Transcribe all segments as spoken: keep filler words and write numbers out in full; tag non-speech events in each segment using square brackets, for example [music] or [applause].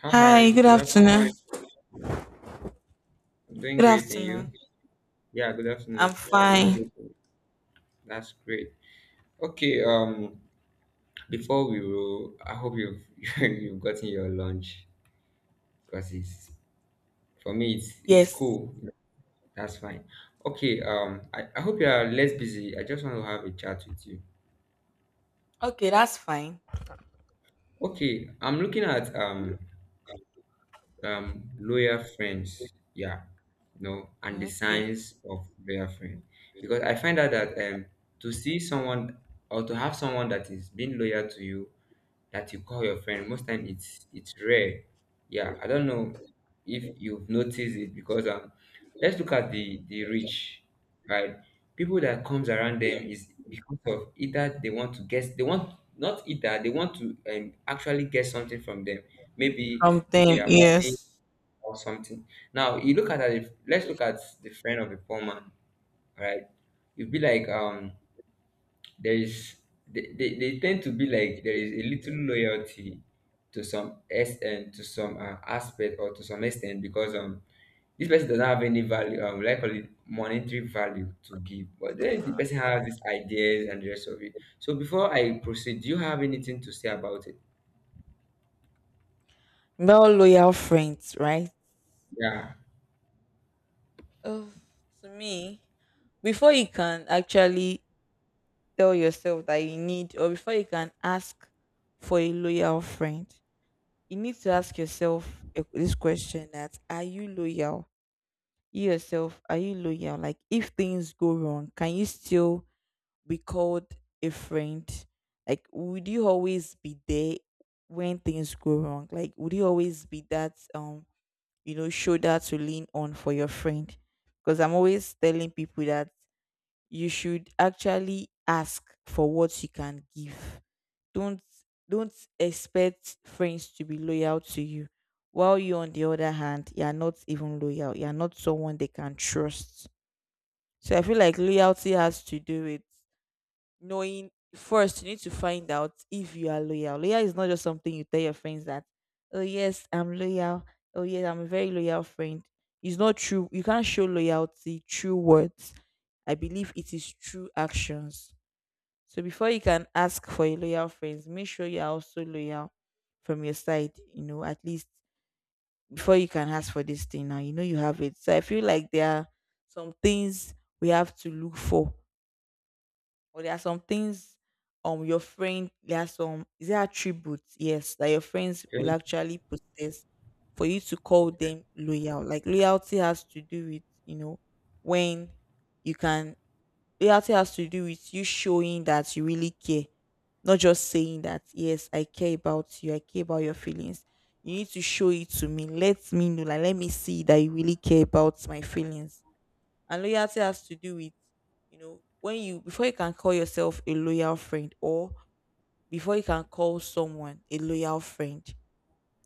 Hi, hi. Hi, good Good afternoon. afternoon. I'm doing Good great, and afternoon. you? Yeah, good I'm afternoon. I'm doing fine. great. and- That's great. Okay. Um, before we roll, I hope you've [laughs] you've gotten your lunch because it's for me it's it's Yes. cool. That's fine. Okay. Um, I, I hope you are less busy. I just want to have a chat with you. Okay, that's fine. Okay. I'm looking at um um, loyal friends, yeah, you know, and the Okay. signs of loyal friend. Because I find out that um, to see someone or to have someone that is being loyal to you, that you call your friend, most time it's it's rare. Yeah, I don't know if you've noticed it because um, let's look at the the rich, right? People that comes around them is because of either they want to get they want not either they want to um, actually get something from them maybe Something, their money yes. or something. Now you look at it. Let's look at the friend of a poor man, right? You'd be like, um, there is they, they, they tend to be like there is a little loyalty to some extent, to some uh, aspect or to some extent because um this person doesn't have any value, um, like call it monetary value to give, but then the person has these ideas and the rest of it. So before I proceed, do you have anything to say about it? We're all loyal friends, right? Yeah. Oh, to me, before you can actually tell yourself that you need, or before you can ask for a loyal friend, you need to ask yourself a- this question that are you loyal? You yourself, are you loyal? Like, if things go wrong, can you still we called a friend, like would you always be there when things go wrong, like would you always be that um you know shoulder to lean on for your friend? Because I'm always telling people that you should actually ask for what you can give. Don't don't expect friends to be loyal to you while you, on the other hand, you are not even loyal, you are not someone they can trust. So I feel like loyalty has to do it, knowing first you need to find out if you are loyal. Loyal is not just something you tell your friends that, oh yes, I'm loyal. Oh yes, I'm a very loyal friend. It's not true. You can't show loyalty through words. I believe it is through actions. So before you can ask for a loyal friends, make sure you are also loyal from your side, you know, at least before you can ask for this thing now, you know you have it. So I feel like there are some things we have to look for, or there are some things, um your friend, there are some is there attributes, yes, that your friends will Okay. actually possess for you to call Okay. them loyal. Like loyalty has to do with, you know, when you can, loyalty has to do with you showing that you really care, not just saying that yes, I care about you, I care about your feelings. You need to show it to me, let me know, like let me see that you really care about my feelings. And loyalty has to do with, you know, when you before you can call yourself a loyal friend, or before you can call someone a loyal friend,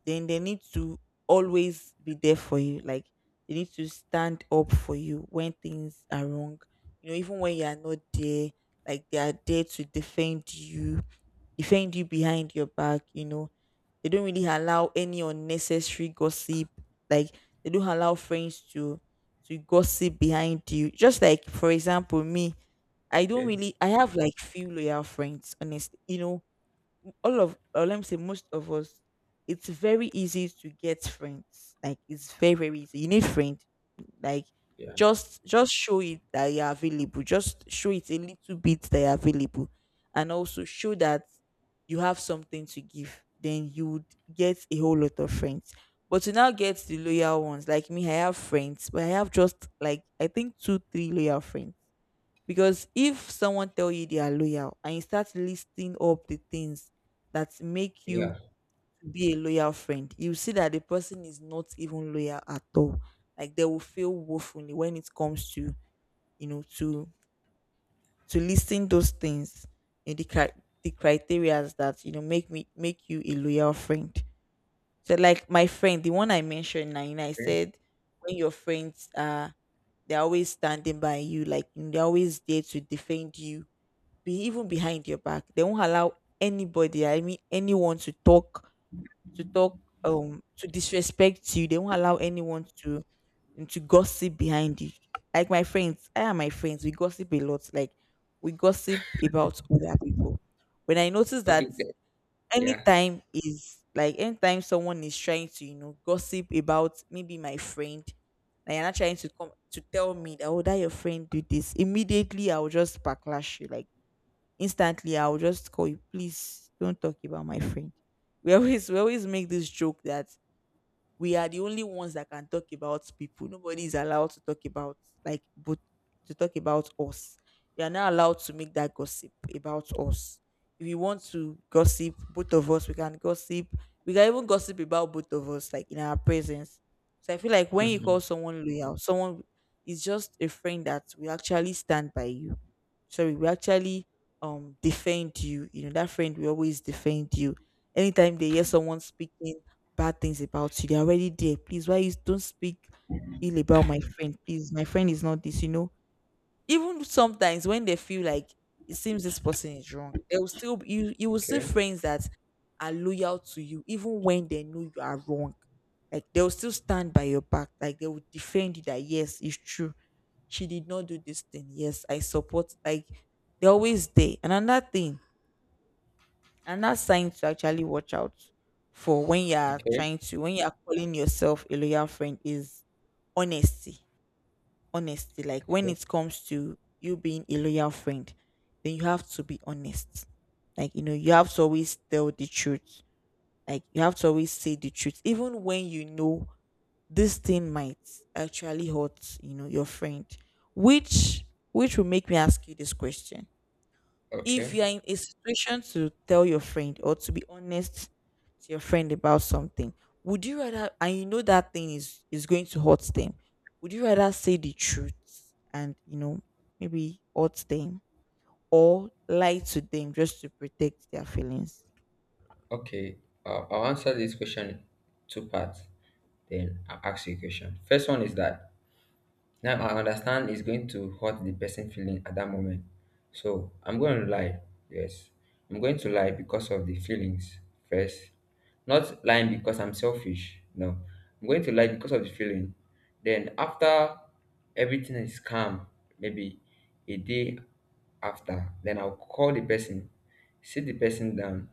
then they need to always be there for you. Like they need to stand up for you when things are wrong. You know, even when you are not there, like they are there to defend you, defend you behind your back, you know they don't really allow any unnecessary gossip. Like they don't allow friends to to gossip behind you. Just like for example, me, I don't Okay. really I have like few loyal friends, honestly. You know, all of, or let me say most of us, it's very easy to get friends, like it's very very easy. You need friend, like Yeah. just just show it that you're available, just show it a little bit that you're available, and also show that you have something to give, then you would get a whole lot of friends. But to now get the loyal ones, like me, I have friends, but I have just like, I think, two three loyal friends. Because if someone tell you they are loyal and you start listing up the things that make Yeah. you be a loyal friend, you see that the person is not even loyal at all. Like they will feel woefully when it comes to, you know, to to listing those things in the cri- the criterias that, you know, make me make you a loyal friend. So like my friend, the one I mentioned nine, I Okay. said when your friends are, they're always standing by you, like they're always there to defend you, be even behind your back. They won't allow anybody, I mean anyone, to talk, to talk, um, to disrespect you. They won't allow anyone to to gossip behind you. Like my friends, I and my friends, we gossip a lot. Like we gossip about other people. When I notice Okay. that th- Yeah. anytime is like anytime someone is trying to, you know, gossip about maybe my friend, and you're not trying to come to tell me that, oh, that your friend did this, immediately I'll just backlash you. Like instantly I'll just call you, please don't talk about my friend. We always we always make this joke that we are the only ones that can talk about people. Nobody is allowed to talk about, like but to talk about us. We are not allowed to make that gossip about us. If you want to gossip, both of us, we can gossip. We can even gossip about both of us, like in our presence. So I feel like when you call [laughs] someone loyal, someone is just a friend that will actually stand by you. Sorry, we actually um defend you. You know, that friend will always defend you. Anytime they hear someone speaking bad things about you, they're already there. Please, why you don't speak ill about my friend? Please, my friend is not this, you know. Even sometimes when they feel like it seems this person is wrong, they will still be- you you will see Okay, friends that are loyal to you, even when they know you are wrong. Like they will still stand by your back. Like they will defend you that yes, it's true. She did not do this thing. Yes, I support, like they're always there. And another thing, and that's sign to actually watch out for when you're okay, trying to, when you're calling yourself a loyal friend, is honesty. Honesty, like when okay, it comes to you being a loyal friend, then you have to be honest. Like, you know, you have to always tell the truth. Like you have to always say the truth, even when you know this thing might actually hurt, you know, your friend. Which which will make me ask you this question: if okay, you are in a situation to tell your friend, or to be honest to your friend about something, would you rather, and you know that thing is is going to hurt them, would you rather say the truth and, you know, maybe hurt them, or lie to them just to protect their feelings? okay. Uh, I'll answer this question in two parts, then I'll ask you a question. First one is that now I understand it's going to hurt the person feeling at that moment. So I'm going to lie. Yes. I'm going to lie because of the feelings first. Not lying because I'm selfish. No. I'm going to lie because of the feeling. Then after everything is calm, maybe a day after, then I'll call the person, sit the person down.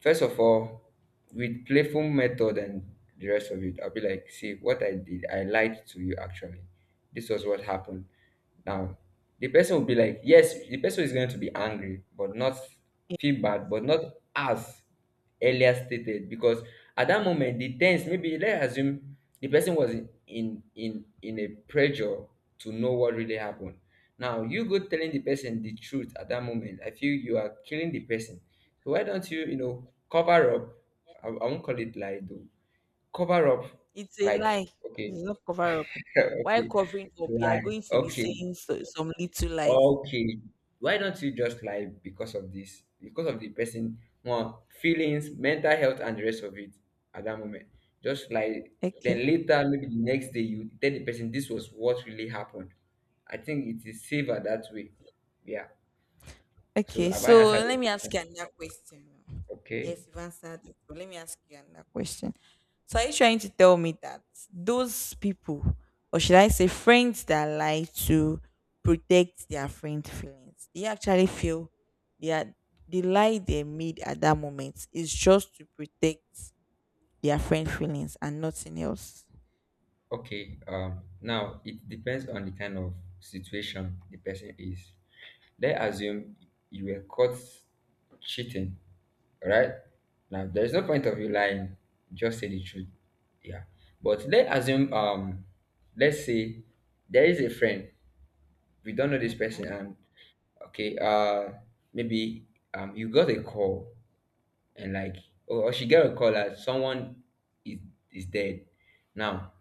First of all, with playful method and the rest of it, I'll be like, see what I did, I lied to you actually. This was what happened. Now, the person will be like, yes, the person is going to be angry, but not Yeah, feel bad, but not as earlier stated because at that moment the tense, maybe let's assume the person was in in in in a pressure to know what really happened. Now you go telling the person the truth at that moment, I feel you are killing the person. Why don't you, you know, cover up? I, I won't call it lie though, cover up it's a lie. like. Okay. It's not cover up. [laughs] Why Okay, covering up? You are lie, going to be okay, saying so, some little lies. okay. Why don't you just lie because of this, because of the person one feelings, mental health, and the rest of it, at that moment? Just lie. Then Okay. later, maybe the next day you tell the person this was what really happened. I think it is safer that way. Yeah. So Okay, have I so answered let your me ask question? you another question now. Okay. Yes, you've answered it. So let me ask you another question. So are you trying to tell me that those people, or should I say friends, that lie to protect their friend feelings, they actually feel they are, the lie they made at that moment is just to protect their friend feelings and nothing else. Okay, um, now it depends on the kind of situation the person is. Let's assume you were caught cheating, right? Now there's no point of you lying, just say the truth. Yeah. But let's assume um let's say there is a friend, we don't know this Okay. person and okay, uh maybe um you got a call and like or, or she got a call that someone is is dead. Now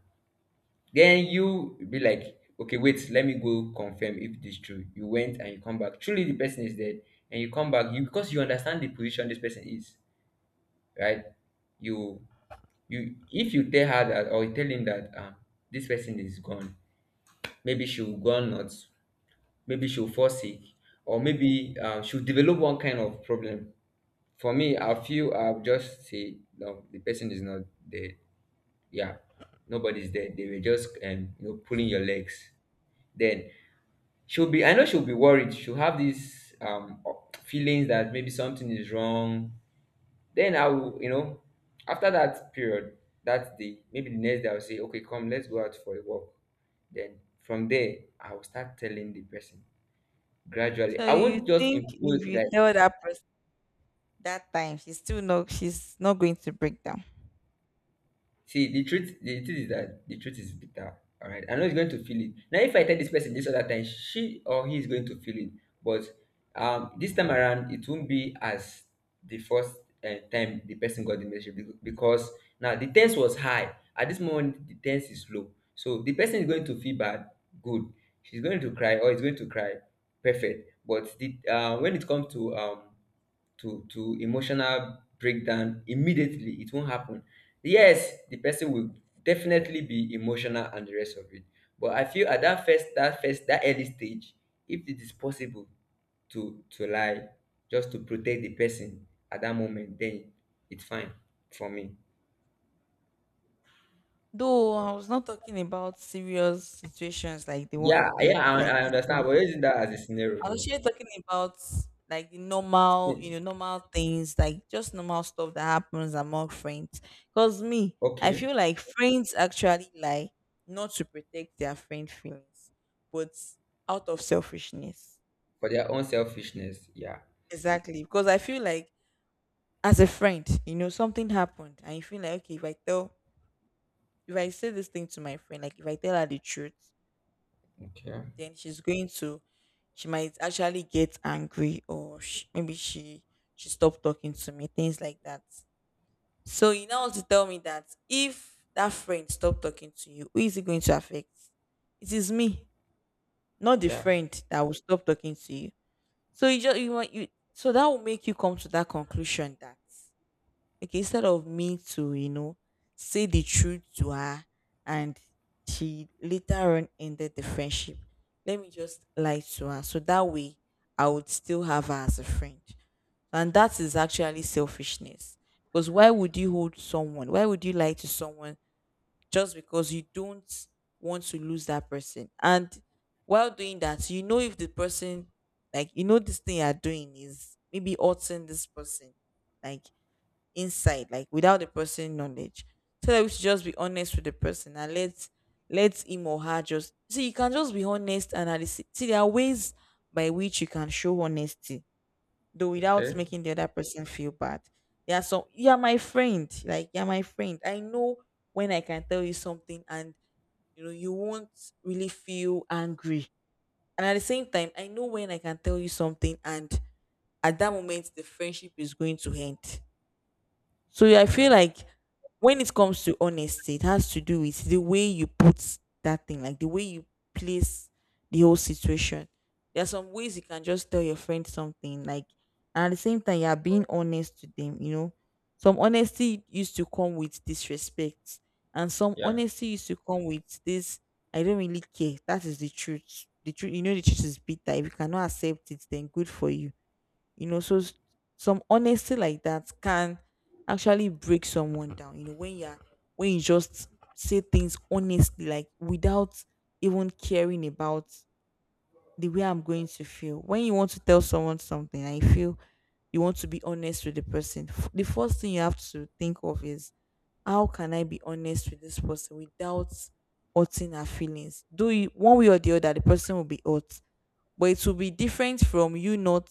then you be like, okay, wait, let me go confirm if this true. You went and you come back. Truly, the person is dead, and you come back. You, because you understand the position this person is, right? You you if you tell her that or you tell him that um this person is gone, maybe she'll go nuts, maybe she'll fall sick, or maybe um, she'll develop one kind of problem. For me, I feel I'll just say no, the person is not dead. Yeah, nobody's dead. They were just um, you know, pulling your legs. Then she'll be, I know she'll be worried, she'll have these um feelings that maybe something is wrong. Then I will, you know, after that period, that day, maybe the next day, I'll say okay, come, let's go out for a walk. Then from there I'll start telling the person gradually. So I you won't just think impose if you like. tell that person that time, she's still not, she's not going to break down. See, the truth, the truth is that the truth is bitter. All right, I know he's going to feel it. Now, if I tell this person this other time, she or he is going to feel it. But um, this time around, it won't be as the first uh, time the person got the message bec- because now the tense was high. At this moment, the tense is low. So the person is going to feel bad. Good. She's going to cry or is going to cry. Perfect. But the uh, when it comes to um to to emotional breakdown immediately, it won't happen. Yes, the person will definitely be emotional and the rest of it, but I feel at that first, that first that early stage, if it is possible to to lie just to protect the person at that moment, then it's fine for me. Though I was not talking about serious situations like the one Yeah. you made, Yeah, i, like I this understand, one. but using that as a scenario I'm though. actually talking about like the normal, you Hmm, know, normal things, like just normal stuff that happens among friends. Cause me, I okay. feel like friends actually lie not to protect their friend feelings, but out of selfishness. For their own selfishness, yeah. Exactly. Because I feel like as a friend, you know, something happened and you feel like, okay, if I tell, if I say this thing to my friend, like if I tell her the truth, Okay. then she's going to, she might actually get angry, or she, maybe she she stopped talking to me, things like that. So you now want to tell me that if that friend stopped talking to you, who is it going to affect? It is me, not the Yeah. friend that will stop talking to you. So you just, you want you, so that will make you come to that conclusion that, like instead of me to, you know, say the truth to her, and she later on ended the friendship, let me just lie to her so that way I would still have her as a friend. And that is actually selfishness. Because why would you hold someone, why would you lie to someone just because you don't want to lose that person? And while doing that, you know, if the person, like, you know, this thing you're doing is maybe hurting this person, like inside, like without the person knowledge. So that we should just be honest with the person, and let let him or her just see. You can just be honest, and at the s- see, there are ways by which you can show honesty, though without Okay. making the other person feel bad. There are some, you are my friend, like you're my friend. I know when I can tell you something and you know you won't really feel angry. And at the same time, I know when I can tell you something and at that moment the friendship is going to end. So I feel Yeah. like when it comes to honesty, it has to do with the way you put that thing, like the way you place the whole situation. There are some ways you can just tell your friend something, like, and at the same time, you are being honest to them, you know. Some honesty used to come with disrespect, and some Yeah. honesty used to come with this, I don't really care. That is the truth. The truth, you know, the truth is bitter. If you cannot accept it, then good for you, you know. So s- some honesty like that can actually break someone down, you know, when you're when you just say things honestly, like, without even caring about the way I'm going to feel. When you want to tell someone something, I feel you want to be honest with the person, f- the first thing you have to think of is how can I be honest with this person without hurting her feelings? Do you one way or the other, the person will be hurt, but it will be different from you not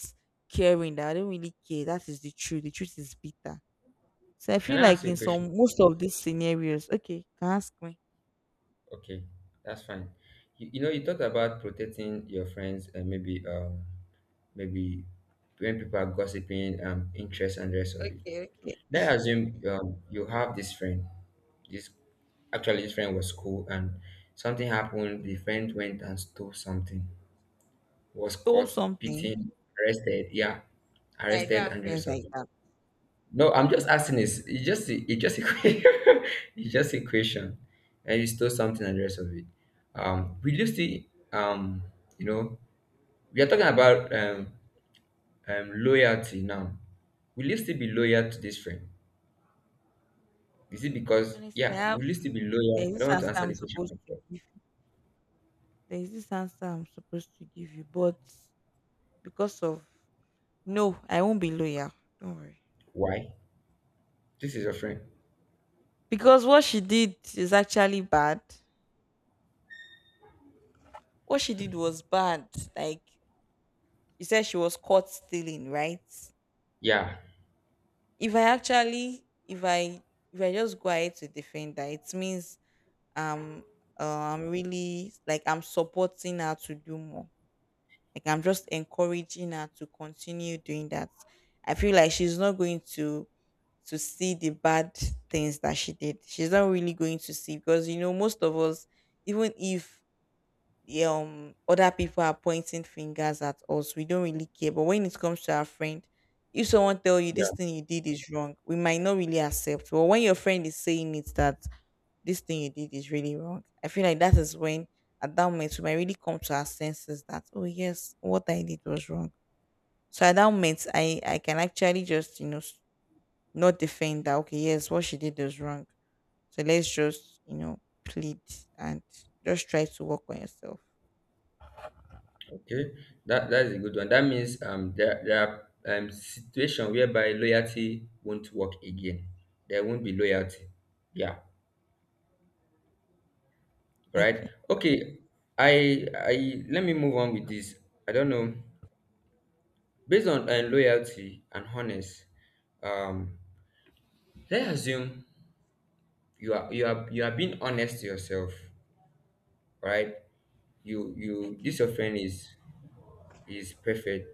caring that I don't really care. That is the truth. The truth is bitter. So I Can feel I like ask you a in some question? most of these scenarios, okay, can ask me. Okay, that's fine. You, you know, you talked about protecting your friends and maybe um maybe when people are gossiping, um, interest and the rest of it. Okay, okay, Let's assume okay. um, you have this friend. This actually this friend was cool and something happened. The friend went and stole something. Was Stole caught, something. beaten, arrested. Yeah, I don't arrested have and the friends rest of like it. that. No, I'm just asking. Is it's just a- it's just a que- [laughs] it's just a question, and you stole something and the rest of it. Um, we do see. Um, you know, we are talking about um, um loyalty now. Will you still be loyal to this friend? Is it because Honestly, I yeah, have will you still be there's loyal? I this don't want to answer answer I'm the supposed question. to give. There's this answer I'm supposed to give you, but because of no, I won't be loyal. Don't worry. Why? This is your friend. Because what she did is actually bad. What she did was bad. Like you said, she was caught stealing, right? Yeah, If I actually, if I, if I just go ahead to defend her, it means um, uh, I'm really, like, I'm supporting her to do more. Like I'm just encouraging her to continue doing that. I feel like she's not going to to see the bad things that she did. She's not really going to see, because you know most of us, even if yeah, um other people are pointing fingers at us, we don't really care. But when it comes to our friend, if someone tell you this yeah. thing you did is wrong, we might not really accept. But when your friend is saying it that this thing you did is really wrong, I feel like that is when at that moment we might really come to our senses that, oh yes, what I did was wrong. So at that moment, I I can actually just, you know, not defend that. Okay, yes, what she did was wrong, so let's just, you know, plead and just try to work on yourself. Okay, that that is a good one. That means um there there are um situation whereby loyalty won't work again. There won't be loyalty. Yeah, right. Okay. Okay, I I let me move on with this. I don't know. Based on uh, loyalty and honest, um, let's assume you are you are you are being honest to yourself, right? You you Okay. this your friend is is perfect.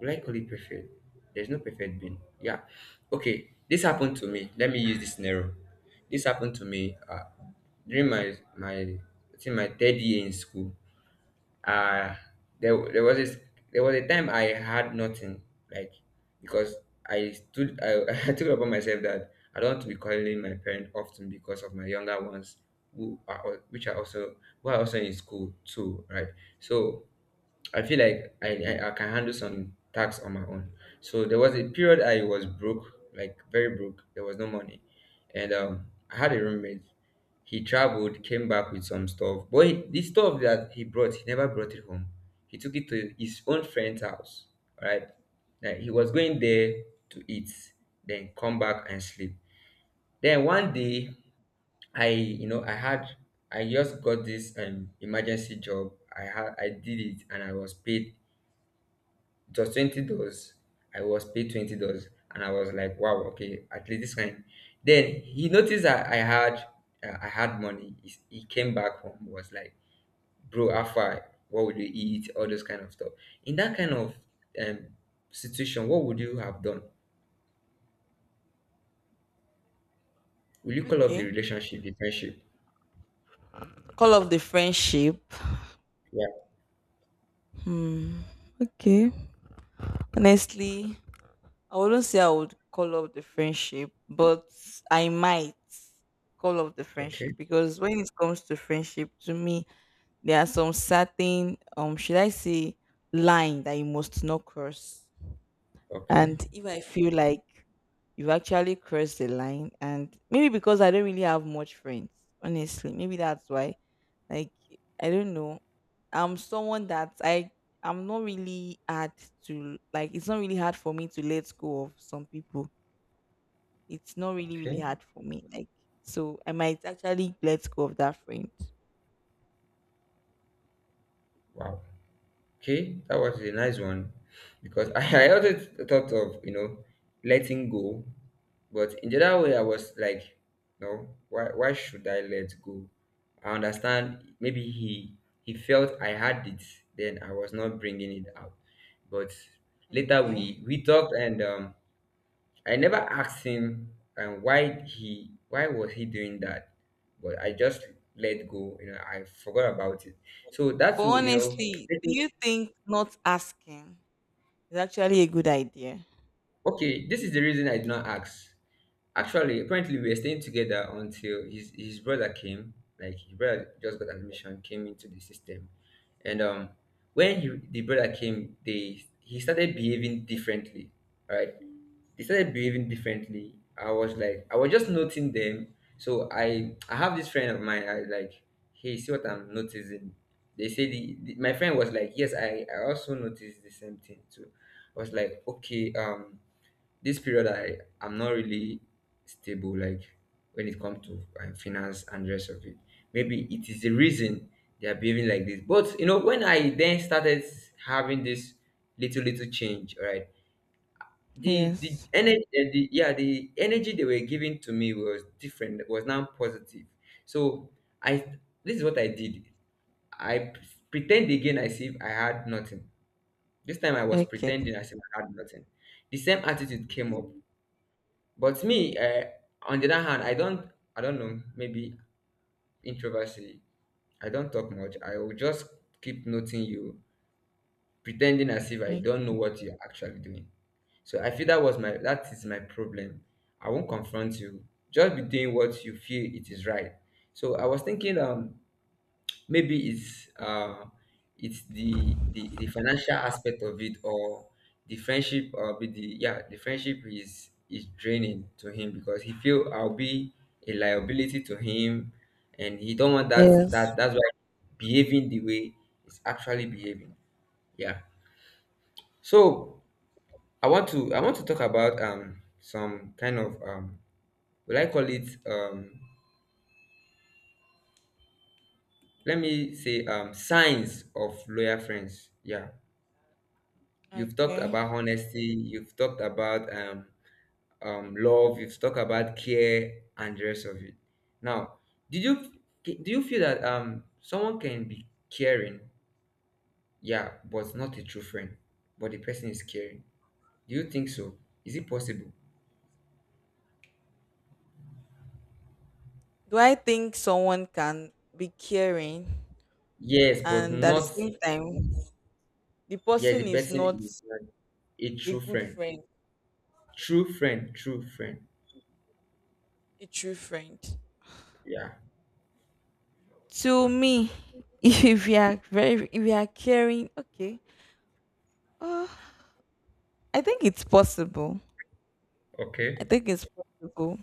Will I call it perfect? There's no perfect being. Yeah. Okay. This happened to me. Let me use this scenario. This happened to me uh, during my my I think my third year in school. Uh there there was this, there was a time I had nothing like because I stood I, [laughs] I took it upon myself that I don't want to be calling my parents often because of my younger ones who are al- which are also who are also in school too, right? So I feel like I, I, I can handle some tasks on my own. So there was a period I was broke, like very broke. There was no money. And um, I had a roommate. He traveled, came back with some stuff. But he, the stuff that he brought, he never brought it home. He took it to his own friend's house, right? Like he was going there to eat, then come back and sleep. Then one Okay. day, I, you know, I had, I just got this um, emergency job. I had, I did it, and I was paid just twenty dollars. I was paid twenty dollars, and I was like, wow, okay, at least this kind. Then he noticed that I had uh, I had money. He, he came back home was like, bro, how far? What would you eat? All those kind of stuff. In that kind of um, situation, what would you have done? Will you call up the Okay. relationship, the friendship? Call of the friendship. Yeah. Hmm. Okay. Honestly, I wouldn't say I would call off the friendship, but I might call off the Okay. friendship because when it comes to friendship, to me, there are some certain, um should I say, line that you must not cross. Okay. And if I feel like you've actually crossed the line, and maybe because I don't really have much friends, honestly, maybe that's why. Like, I don't know. I'm someone that I I'm not really hard to like. It's not really hard for me to let go of some people. It's not really really Okay. hard for me. Like, so I might actually let go of that friend. Wow. Okay, that was a nice one because [laughs] I, I also thought of you know letting go, but in the other way I was like, no, why why should I let go? I understand maybe he he felt I had it, then I was not bringing it out. But later Okay. we we talked and um, I never asked him um, why he why was he doing that, but I just let go. You know, I forgot about it. So But that's you know. honestly, do you think not asking is actually a good idea? Okay, this is the reason I did not ask. Actually, apparently we were staying together until his his brother came. Like his brother just got admission, came into the system, and um, when he, the brother came, they he started behaving differently. Right, they started behaving differently. I was like, I was just noting them. So I I have this friend of mine. I was like, hey, see what I'm noticing. They say the, the my friend was like, yes, I I also noticed the same thing too. I was like, okay, um this period i i'm not really stable, like when it comes to um, finance and the rest of it. Maybe it is the reason they are behaving like this, but you know, when I then started having this little little change. All right, the the Yes. energy, the, yeah the energy they were giving to me was different, was now positive. So I, this is what I did. i p- pretend again as if I had nothing. This time I was Okay. pretending as if I had nothing. The same attitude came up. But me, uh, on the other hand, I don't, I don't know, maybe introversy. I don't talk much. I will just keep noting you, pretending as if I Mm. don't know what you're actually doing. So I feel that was my, that is my problem. I won't confront you. Just be doing what you feel it is right. So I was thinking, um, maybe it's uh it's the the, the financial aspect of it, or the friendship, or be the, yeah, the friendship is is draining to him because he feel I'll be a liability to him, and he don't want that. Yes. That that's why behaving the way he's actually behaving. Yeah. So I want to, I want to talk about um some kind of, um will I call it, um let me say, um signs of loyal friends. Yeah. You've talked Okay. about honesty, you've talked about um, um, love, you've talked about care and the rest of it. Now, did you do you feel that, um, someone can be caring, yeah, but not a true friend, but the person is caring? Do you think so? Is it possible? Do I think someone can be caring Yes, but and at the not, same time the yeah, the person is person not is not a a true good friend. friend, True friend, true friend. a true friend? Yeah. To me, [laughs] if you are very if you are caring, okay. Uh, I think it's possible. I Okay. think it's possible.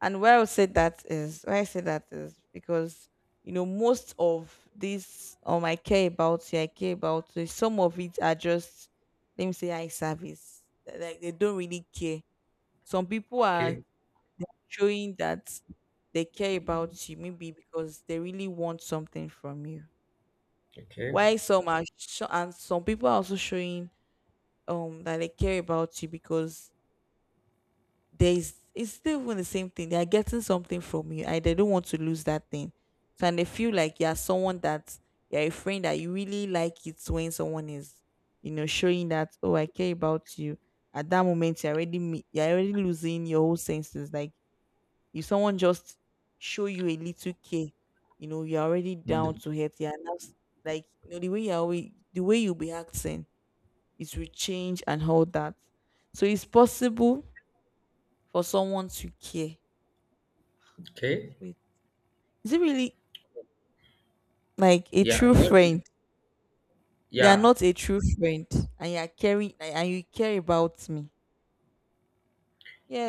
And why I would say that is why I say that is because you know most of this, um I care about here, I care about, so some of it are just, let me say, eye service. Like like, they don't really care. Some people are Okay. showing that they care about you maybe because they really want something from you. Okay. Why some are sho- and Some people are also showing um that they care about you because there is, it's still even the same thing. They are getting something from you. I they don't want to lose that thing. So and they feel like you're someone that you're a friend that you really like it when someone is, you know, showing that, oh, I care about you. At that moment, you're already me- you're already losing your whole senses. Like if someone just show you a little care, you know, you're already down Mm. to hurt. You're now s- like, you know, the way you're always, the way you'll be acting, it will change and all that. So it's possible for someone to care. But Okay. wait, is it really like a Yeah. true You want to, friend? You are yeah. not a true friend, and you are caring, and and you care about me.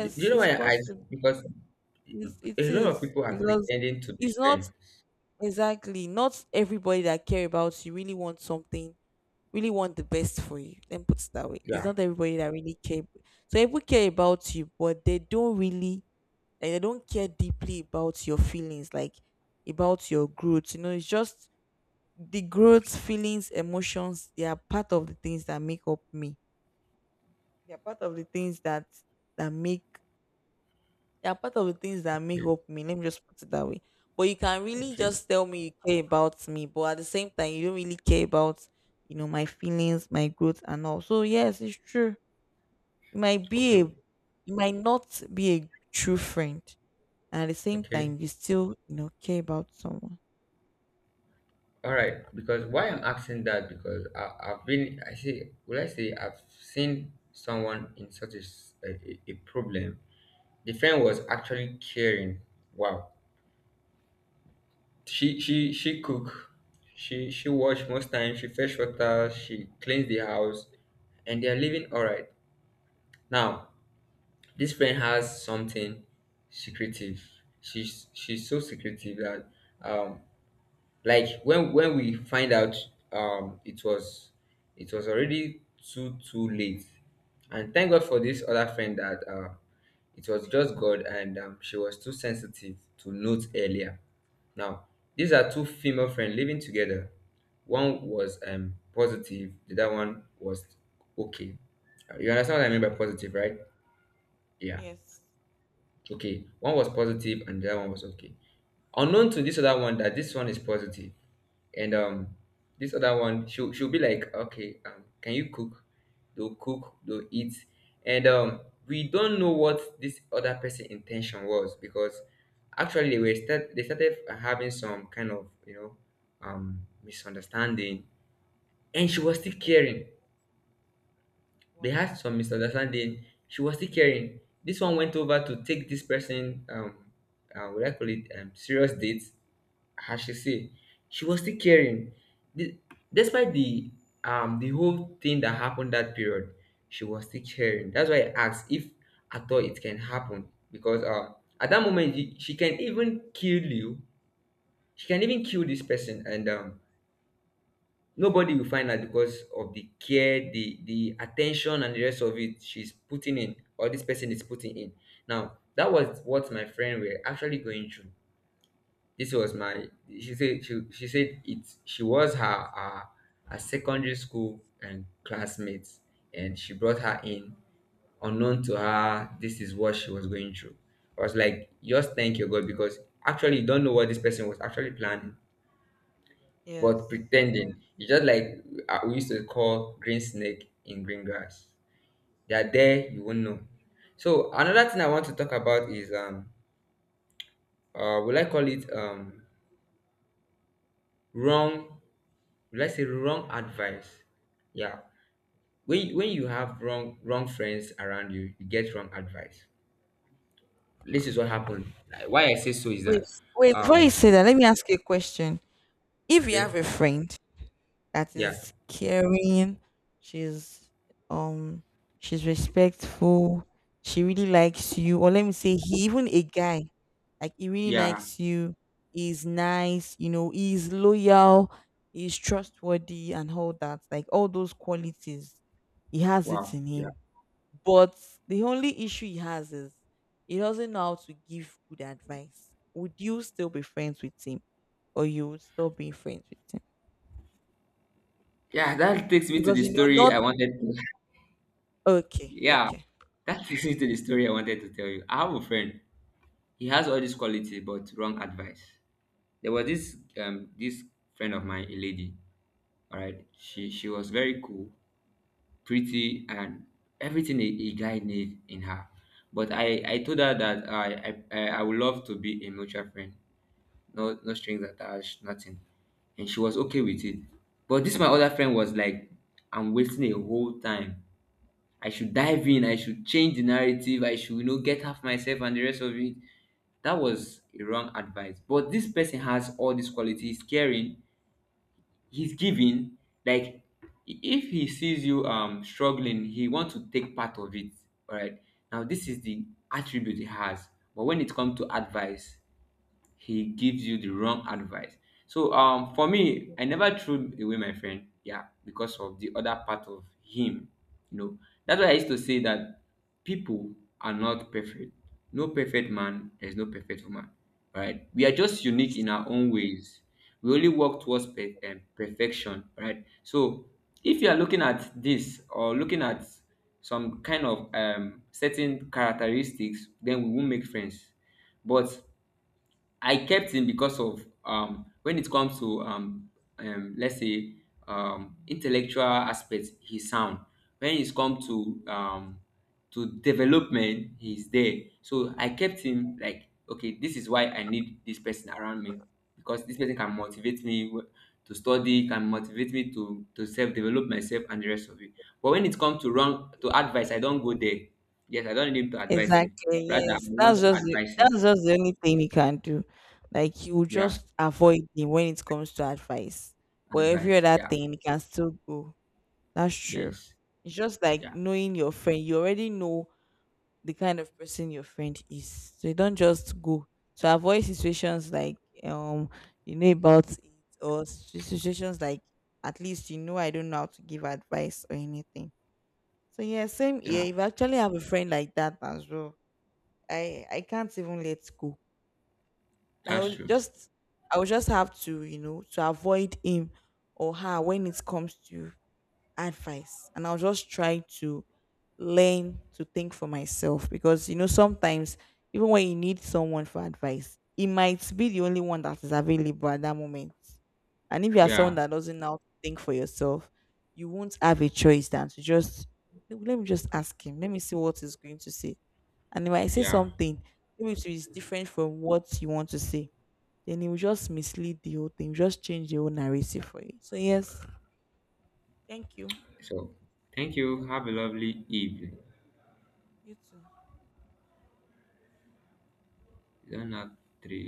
Do do you know why it's I asked? possible. Because It's, it a lot of is people are because pretending to be it's not strength. exactly not everybody that care about you really want something, really want the best for you. Then put it that way. It's Yeah. not everybody that really care. So people care about you, but they don't really, like, they don't care deeply about your feelings, like about your growth. You know, it's just the growth, feelings, emotions, they are part of the things that make up me. They are part of the things that that make They are part of the things that make Yeah. up me. Let me just put it that way. But you can really Okay. just tell me you care about me, but at the same time, you don't really care about, you know, my feelings, my growth, and all. So yes, it's true. You might Okay. be a you might not be a true friend. And at the same Okay. time, you still, you know, care about someone. All right. Because why I'm asking that, because I, I've been, I see, will I say, I've seen someone in such a, s- a, a- a problem. The friend was actually caring. Wow. She she she cook. She she wash most time. She fetch water. She cleans the house, and they are living all right now. This friend has something secretive. She's she's so secretive that, um like when when we find out, um it was, it was already too too late. And thank God for this other friend that uh it was just God. And um, she was too sensitive to note earlier. Now, these are two female friends living together. One was um positive, the other one was okay. You understand what I mean by I, positive, right? Yeah. yes. Okay, one was positive and the other one was okay. Unknown to this other one that this one is positive, and um, this other one, she'll she'll be like, okay, um, can you cook? They'll cook, they'll eat, and um, we don't know what this other person' intention was, because actually they were start they started having some kind of, you know, um misunderstanding, and she was still I, caring. They wow. had some misunderstanding. She was still caring. This one went over to take this person, um, uh, what do I call it, um, serious dates, as she say. She was still caring. The, despite the um the whole thing that happened that period, she was still caring. That's why I asked if at all it can happen, because uh, at that moment she she can even kill you. She can even kill this person, and um nobody will find out because of the care, the the attention and the rest of it she's putting in, or this person is putting in. Now that was what my friend were actually going through. This was my, she said, she, she said it, she was her, her her secondary school and classmates, and she brought her in. Unknown to her, this is what she was going through. I was like, just thank your God, because actually you don't know what this person was actually planning, but Yes. pretending. It's just like, uh, we used to call, green snake in green grass. They are there, Sure. you won't know. So another thing I want to talk about is, um uh will I call it, um wrong, will I say wrong advice? Yeah. When you- when you have wrong wrong friends around you, you get wrong advice. This is what happened. Like, why I say so is Wait, that, wait, before you um say that, let me ask you a question. If you have okay, a friend that yeah. is caring, she's um she's respectful, she really likes you, or let me say he, even a guy, like he really Yeah. likes you, he's nice, you know, he's loyal, he's trustworthy and all that, like all those qualities, he has it Wow. in Yeah. him. But the only issue he has is he doesn't know how to give good advice. Would you still be friends with him, or you would stop being friends with him? Yeah, that takes me to Because the you know, story not I wanted to. okay, Yeah, okay. that [laughs] takes me to the story I wanted to tell you. I have a friend. He has all these qualities, but wrong advice. There was this um this friend of mine, a lady. All right, she she was very cool, pretty, and everything a, a guy needs in her. But I I told her that I I I I would love to be a mutual friend. No, no strings attached, nothing. And she was okay with it. But this my other friend was like, I'm wasting a whole time, I should dive in, I should change the narrative, I should, you know, get half myself and the rest of it. That was a wrong advice. But this person has all these qualities, caring, he's giving. Like, i- if he sees you um struggling, he wants to take part of it. All right. Now this is the attribute he has. But when it comes to advice, he gives you the wrong advice. So um for me, I never threw away my friend, yeah, because of the other part of him. You know, that's why I used to say that people are not perfect. No perfect man, there's no perfect woman. Right? We are just That's unique true. in our own ways. We only Now work towards wait. per- um, perfection, right? So if you are looking at this, or looking at some kind of um certain characteristics, then we won't make friends. But I kept him because of, um, when it comes to, um, um, let's say, um, intellectual aspects, he's sound. When it's come to, um, to development, he's there. So I kept him, like, okay, this is why I need this person around me, because this person can motivate me w- to study, can motivate me to to self develop myself and the rest of it. But when it comes to wrong to advice, I don't go there. Yes, I don't need him to advise me. Exactly. Rather, I Yes, want that's to just the, advise him. that's just the only thing he can do. Like you Yeah. just avoid him when it comes to advice, but every Advice. other Yeah, thing he can still go. That's true. yes, It's just like yeah, knowing your friend. You already know the kind of person your friend is. So you don't just go. So avoid situations like um you know about it, or si- situations like at least you know I don't know how to give advice or anything. So yeah, same yeah, here. If I actually have a friend like that as well, I I can't even let go. I that's will true. just I will just have to, you know, to avoid him or her when it comes to advice, and I'll just try to learn to think for myself, because you know sometimes even when you need someone for advice, it might be the only one that is available at that moment. And if you are someone Yeah, that doesn't know how to think for yourself, you won't have a choice than to just, "No, let me just ask him. Let me see what he's going to say." And if I say yeah. something, maybe it is different from what you want to say, then it will just mislead the whole thing, just change the whole narrative for you. So yes, thank you. So, thank you. Have a lovely evening. You too. It's not three.